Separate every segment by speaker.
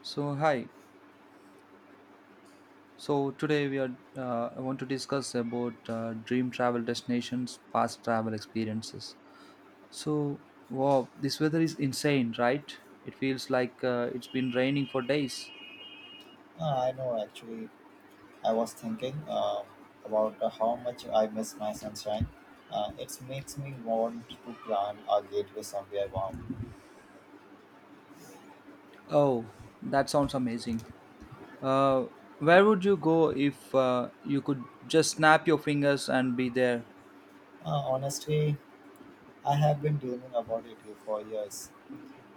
Speaker 1: So hi. So today we are. I want to discuss about dream travel destinations, past travel experiences. So wow, this weather is insane, right? It feels like it's been raining for days.
Speaker 2: I know actually. I was thinking about how much I miss my sunshine. It makes me want to plan a getaway somewhere warm.
Speaker 1: Oh, that sounds amazing. Uh, where would you go if you could just snap your fingers and be there?
Speaker 2: Honestly, I have been dreaming about it here for years.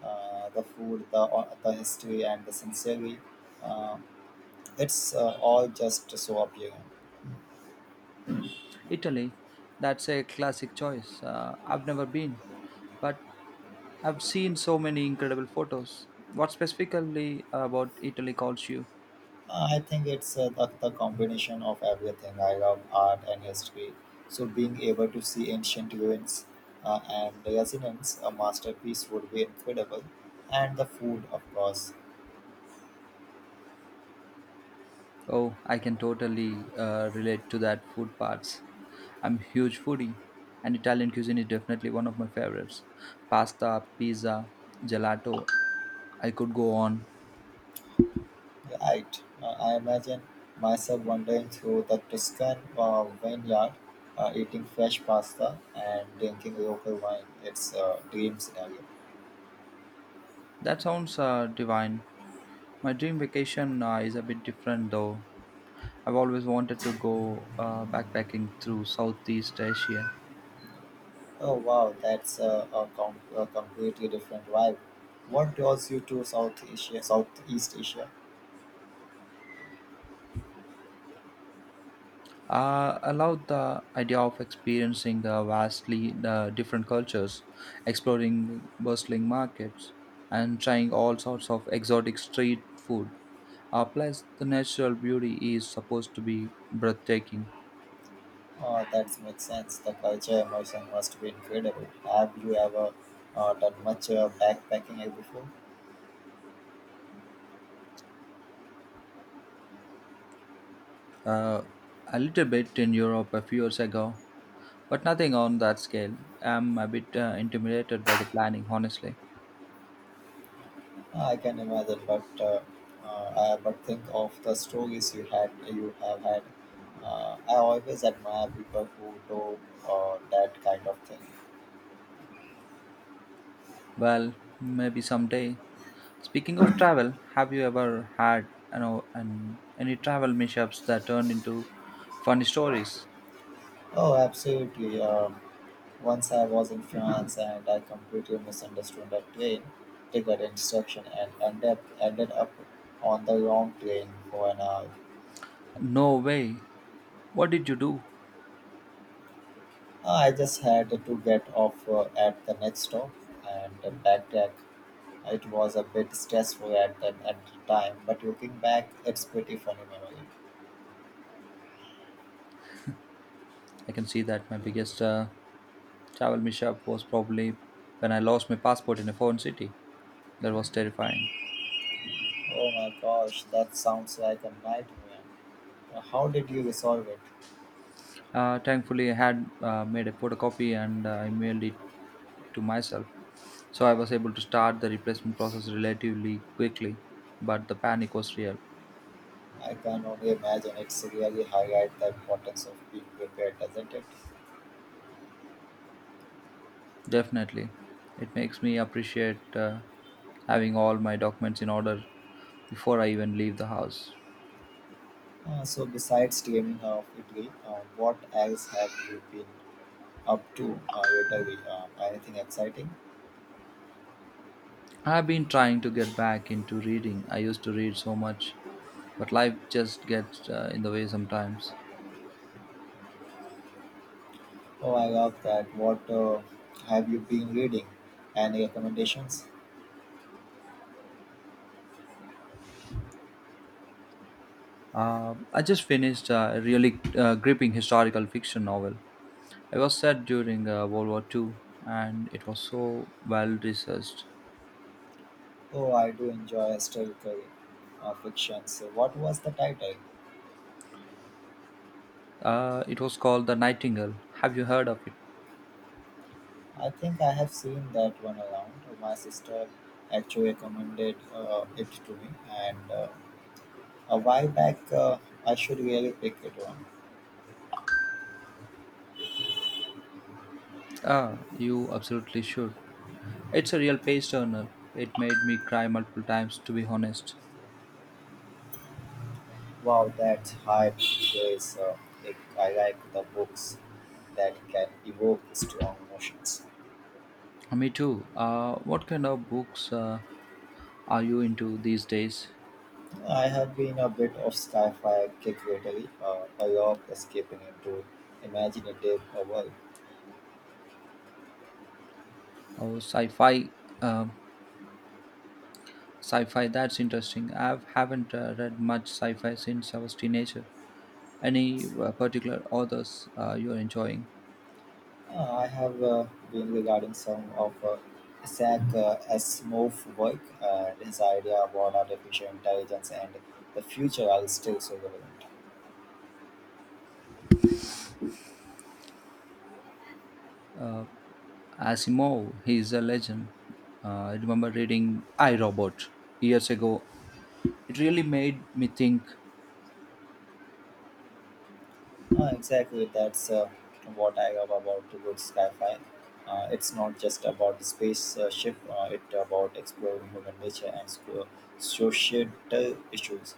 Speaker 2: The food, the history, and the scenery. Uh, it's all just so appealing.
Speaker 1: Italy. That's a classic choice. I've never been, but I've seen so many incredible photos. What specifically about Italy calls you?
Speaker 2: I think it's the combination of everything. I love art and history. So being able to see ancient ruins and resonance, a masterpiece would be incredible. And the food, of course.
Speaker 1: Oh, I can totally relate to that food parts. I'm a huge foodie, and Italian cuisine is definitely one of my favorites. Pasta, pizza, gelato, I could go on.
Speaker 2: Right. I imagine myself wandering through the Tuscan vineyard, eating fresh pasta and drinking local wine. It's a dream scenario.
Speaker 1: That sounds divine. My dream vacation is a bit different though. I've always wanted to go backpacking through Southeast Asia.
Speaker 2: Oh wow, that's a completely different vibe. What draws you to Southeast Asia?
Speaker 1: I love the idea of experiencing vastly different cultures, exploring bustling markets, and trying all sorts of exotic street food. Plus, the natural beauty is supposed to be breathtaking.
Speaker 2: That makes sense. The culture immersion must be incredible. Have you ever done much backpacking here before?
Speaker 1: Uh, a little bit in Europe a few years ago, but nothing on that scale. I'm a bit intimidated by the planning, honestly.
Speaker 2: I can imagine, but but think of the stories you have had. I always admire people who do that kind of thing.
Speaker 1: Well, maybe someday. Speaking of travel, have you ever had any travel mishaps that turned into funny stories?
Speaker 2: Oh, absolutely. Once I was in France and I completely misunderstood a train ticket instruction and ended up on the wrong train for an hour.
Speaker 1: No way. What did you do?
Speaker 2: I just had to get off at the next stop and backtrack. It was a bit stressful at at the time, but looking back, it's pretty funny memory.
Speaker 1: I can see that. My biggest travel mishap was probably when I lost my passport in a foreign city. That was terrifying.
Speaker 2: Oh my gosh, that sounds like a nightmare. How did you resolve it?
Speaker 1: Thankfully, I had made a photocopy and I mailed it to myself. So I was able to start the replacement process relatively quickly, but the panic was real.
Speaker 2: I can only imagine it's really highlight the importance of being prepared, doesn't it?
Speaker 1: Definitely. It makes me appreciate having all my documents in order before I even leave the house.
Speaker 2: So besides gaming of Italy, what else have you been up to lately? Anything exciting?
Speaker 1: I have been trying to get back into reading. I used to read so much, but life just gets in the way sometimes.
Speaker 2: Oh, I love that. What have you been reading? Any recommendations?
Speaker 1: I just finished a really gripping historical fiction novel. It was set during World War Two, and it was so well researched.
Speaker 2: Oh, I do enjoy historical fiction. So, what was the title?
Speaker 1: It was called The Nightingale. Have you heard of it?
Speaker 2: I think I have seen that one around. My sister actually recommended it to me, and a while back, I should really pick it one.
Speaker 1: Ah, you absolutely should. It's a real page turner. It made me cry multiple times, to be honest.
Speaker 2: Wow, that's hype praise. I I like the books that can evoke strong emotions.
Speaker 1: Me too. What kind of books are you into these days?
Speaker 2: I have been a bit of sci-fi kick lately. I love escaping into imaginative world.
Speaker 1: Oh, sci-fi. Um, Sci-fi. That's interesting. I haven't read much sci-fi since I was teenager. Any particular authors you're enjoying?
Speaker 2: I have been regarding some of Isaac Asimov's work and his idea about artificial intelligence and the future are still so relevant.
Speaker 1: Uh, Asimov. He's a legend. I remember reading I Robot years ago. It really made me think.
Speaker 2: Exactly, that's what I love about the good sci-fi. It's not just about the space ship; it's about exploring human nature and societal issues.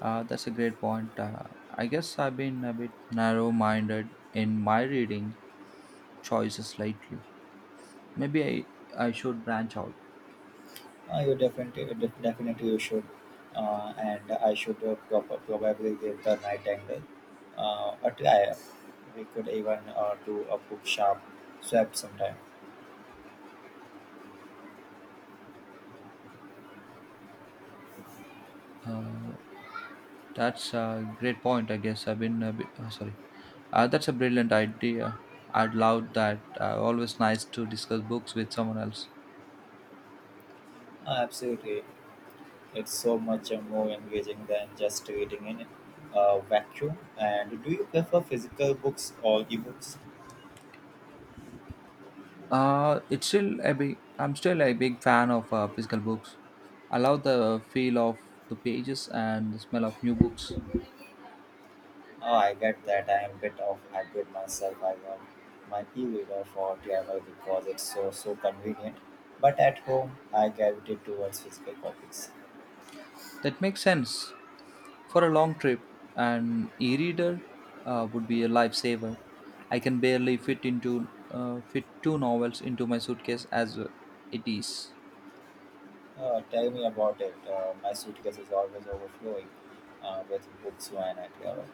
Speaker 1: That's a great point. I guess I've been a bit narrow minded in my reading choices lately. Maybe I should branch out.
Speaker 2: You definitely, you should, and I should probably give the night angle a try. We could even do a book sharp swap sometime.
Speaker 1: Uh, that's a great point. I guess I've been a bit. Sorry. That's a brilliant idea. I'd love that. Always nice to discuss books with someone else.
Speaker 2: Absolutely, it's so much more engaging than just reading in a vacuum. And do you prefer physical books or ebooks?
Speaker 1: It's still a big. I'm still a big fan of physical books. I love the feel of the pages and the smell of new books.
Speaker 2: Oh, I get that. I am a bit of hybrid myself. I love my e-reader for travel because it's so convenient. But at home, I gravitate towards physical copies.
Speaker 1: That makes sense for a long trip. An e-reader would be a lifesaver. I can barely fit into fit two novels into my suitcase as it is.
Speaker 2: Tell me about it. My suitcase is always overflowing with books when I travel.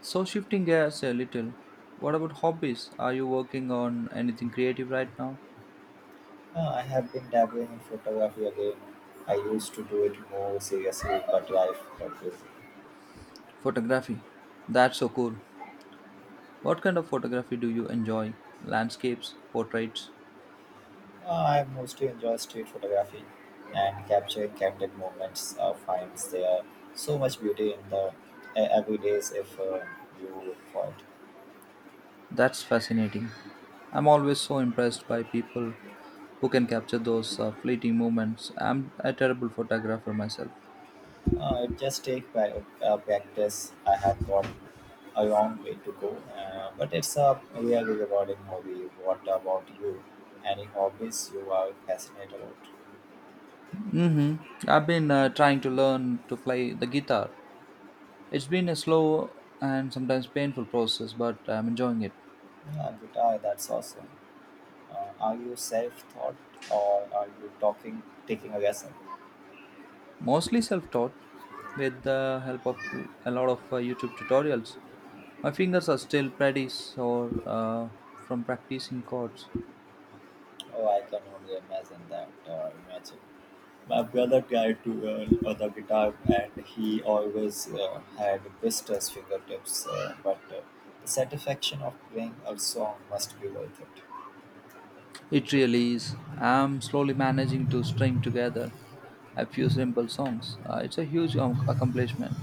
Speaker 1: So shifting gears a little, what about hobbies? Are you working on anything creative right now?
Speaker 2: I have been dabbling in photography again. I used to do it more seriously, but life got busy.
Speaker 1: Photography. That's so cool. What kind of photography do you enjoy? Landscapes, portraits?
Speaker 2: I mostly enjoy street photography and capturing candid moments. Finds there so much beauty in the every if you look for it.
Speaker 1: That's fascinating. I'm always so impressed by people who can capture those fleeting moments. I'm a terrible photographer myself.
Speaker 2: It just take practice. I have got a long way to go, but it's a really rewarding hobby. What about you? Any hobbies you are passionate about?
Speaker 1: Mm-hmm. I've been trying to learn to play the guitar. It's been a slow and sometimes painful process, but I'm enjoying it.
Speaker 2: Yeah, guitar. That's awesome. Are you self-taught or are you talking taking a lesson?
Speaker 1: Mostly self taught with the help of a lot of YouTube tutorials. My fingers are still pretty sore from practicing chords.
Speaker 2: Oh, I can only imagine that. Imagine. My brother tried to learn the guitar and he always had blisters fingertips, but the satisfaction of playing a song must be worth it.
Speaker 1: It really is. I'm slowly managing to string together a few simple songs. It's a huge accomplishment.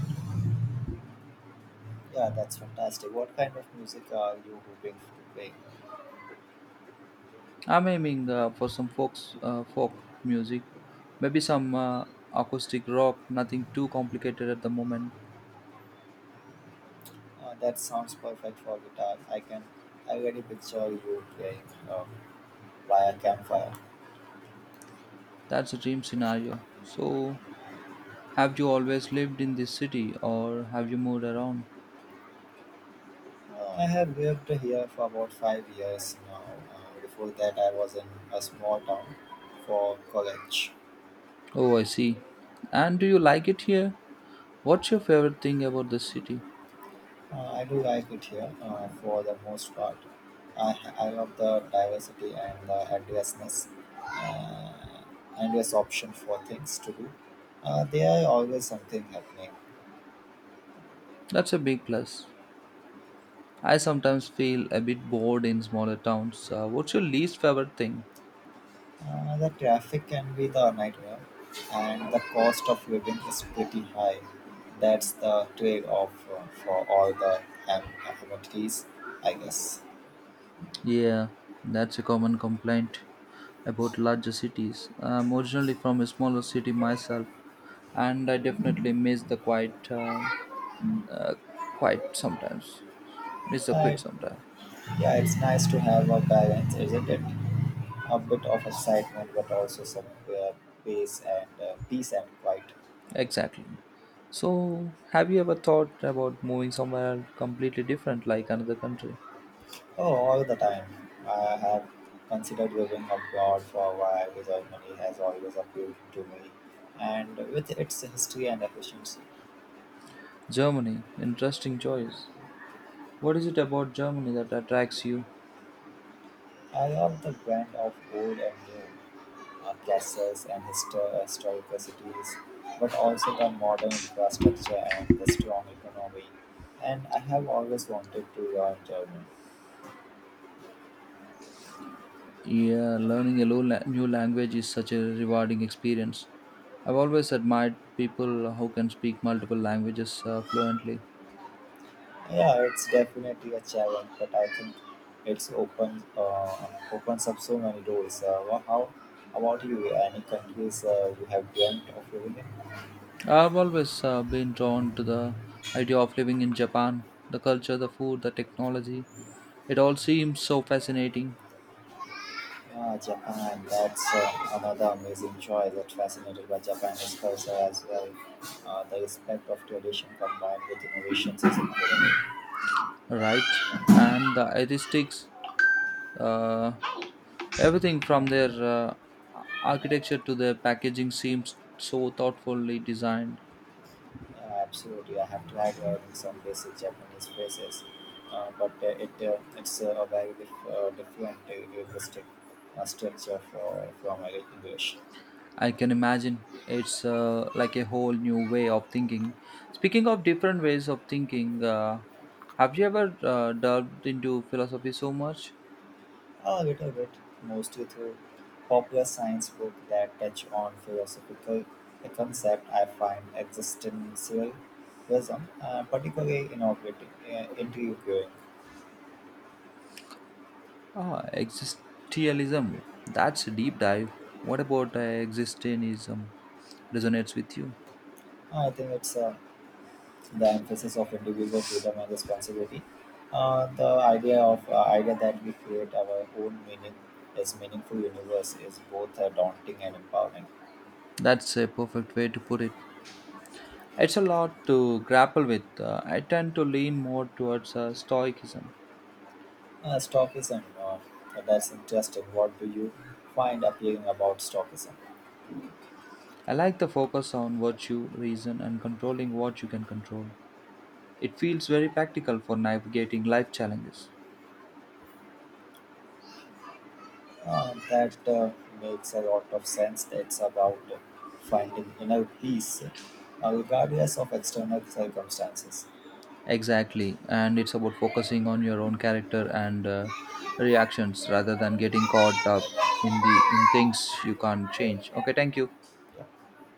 Speaker 2: Yeah, that's fantastic. What kind of music are you hoping to play?
Speaker 1: I'm aiming for folk music, maybe some acoustic rock, nothing too complicated at the moment.
Speaker 2: That sounds perfect for guitar. I can already picture you playing uh, by a campfire.
Speaker 1: That's a dream scenario. So, have you always lived in this city or have you moved around?
Speaker 2: I have lived here for about 5 years now. Before that, I was in a small town for college.
Speaker 1: Oh, I see. And do you like it here? What's your favorite thing about the city?
Speaker 2: I do like it here for the most part. I love the diversity and the endlessness, uh, endless option for things to do. There are always something happening.
Speaker 1: That's a big plus. I sometimes feel a bit bored in smaller towns. What's your least favorite thing?
Speaker 2: The traffic can be the nightmare, and the cost of living is pretty high. That's the trade-off for all the am- amenities, I guess.
Speaker 1: Yeah, that's a common complaint about larger cities. I'm originally from a smaller city myself, and I definitely miss the quiet, uh, quiet sometimes. Miss the quiet
Speaker 2: Right?
Speaker 1: sometimes.
Speaker 2: Yeah, it's nice to have a balance, isn't it? A bit of excitement, but also some peace and quiet.
Speaker 1: Exactly. So, have you ever thought about moving somewhere completely different, like another country?
Speaker 2: Oh, all the time. I have considered living abroad for a while. Germany has always appealed to me, and with its history and efficiency.
Speaker 1: Germany, interesting choice. What is it about Germany that attracts you?
Speaker 2: I love the blend of old and new, castles and historical cities, but also the modern infrastructure and the strong economy. And I have always wanted to learn German.
Speaker 1: Yeah, learning a new language is such a rewarding experience. I've always admired people who can speak multiple languages fluently.
Speaker 2: Yeah, it's definitely a challenge, but I think it's opens up so many doors. How about you? Any countries you have dreamt of living in?
Speaker 1: I've always been drawn to the idea of living in Japan, the culture, the food, the technology. It all seems so fascinating,
Speaker 2: Ah, Japan. That's another amazing choice. I'm fascinated by Japanese culture as well. The respect of tradition combined with innovations is incredible.
Speaker 1: right? And the aesthetics, uh, everything from their architecture to their packaging seems so thoughtfully designed.
Speaker 2: Yeah, absolutely. I have tried learning some basic Japanese phrases, but it's a very different linguistic structure from English.
Speaker 1: I can imagine it's like a whole new way of thinking. Speaking of different ways of thinking, have you ever delved into philosophy so much?
Speaker 2: A little bit, mostly through popular science books that touch on philosophical a concept I find existentialism particularly intriguing.
Speaker 1: Ah, existentialism. That's a deep dive. What about existentialism resonates with you?
Speaker 2: I think it's the emphasis of individual freedom and responsibility. The idea that we create our own meaning as meaningful universe is both daunting and empowering.
Speaker 1: That's a perfect way to put it. It's a lot to grapple with. I tend to lean more towards stoicism.
Speaker 2: Stoicism, that's interesting. What do you find appealing about stoicism?
Speaker 1: I like the focus on virtue, reason, and controlling what you can control. It feels very practical for navigating life challenges.
Speaker 2: That makes a lot of sense. It's about finding inner peace regardless of external circumstances.
Speaker 1: Exactly. And it's about focusing on your own character and reactions rather than getting caught up in things you can't change. Okay, thank you.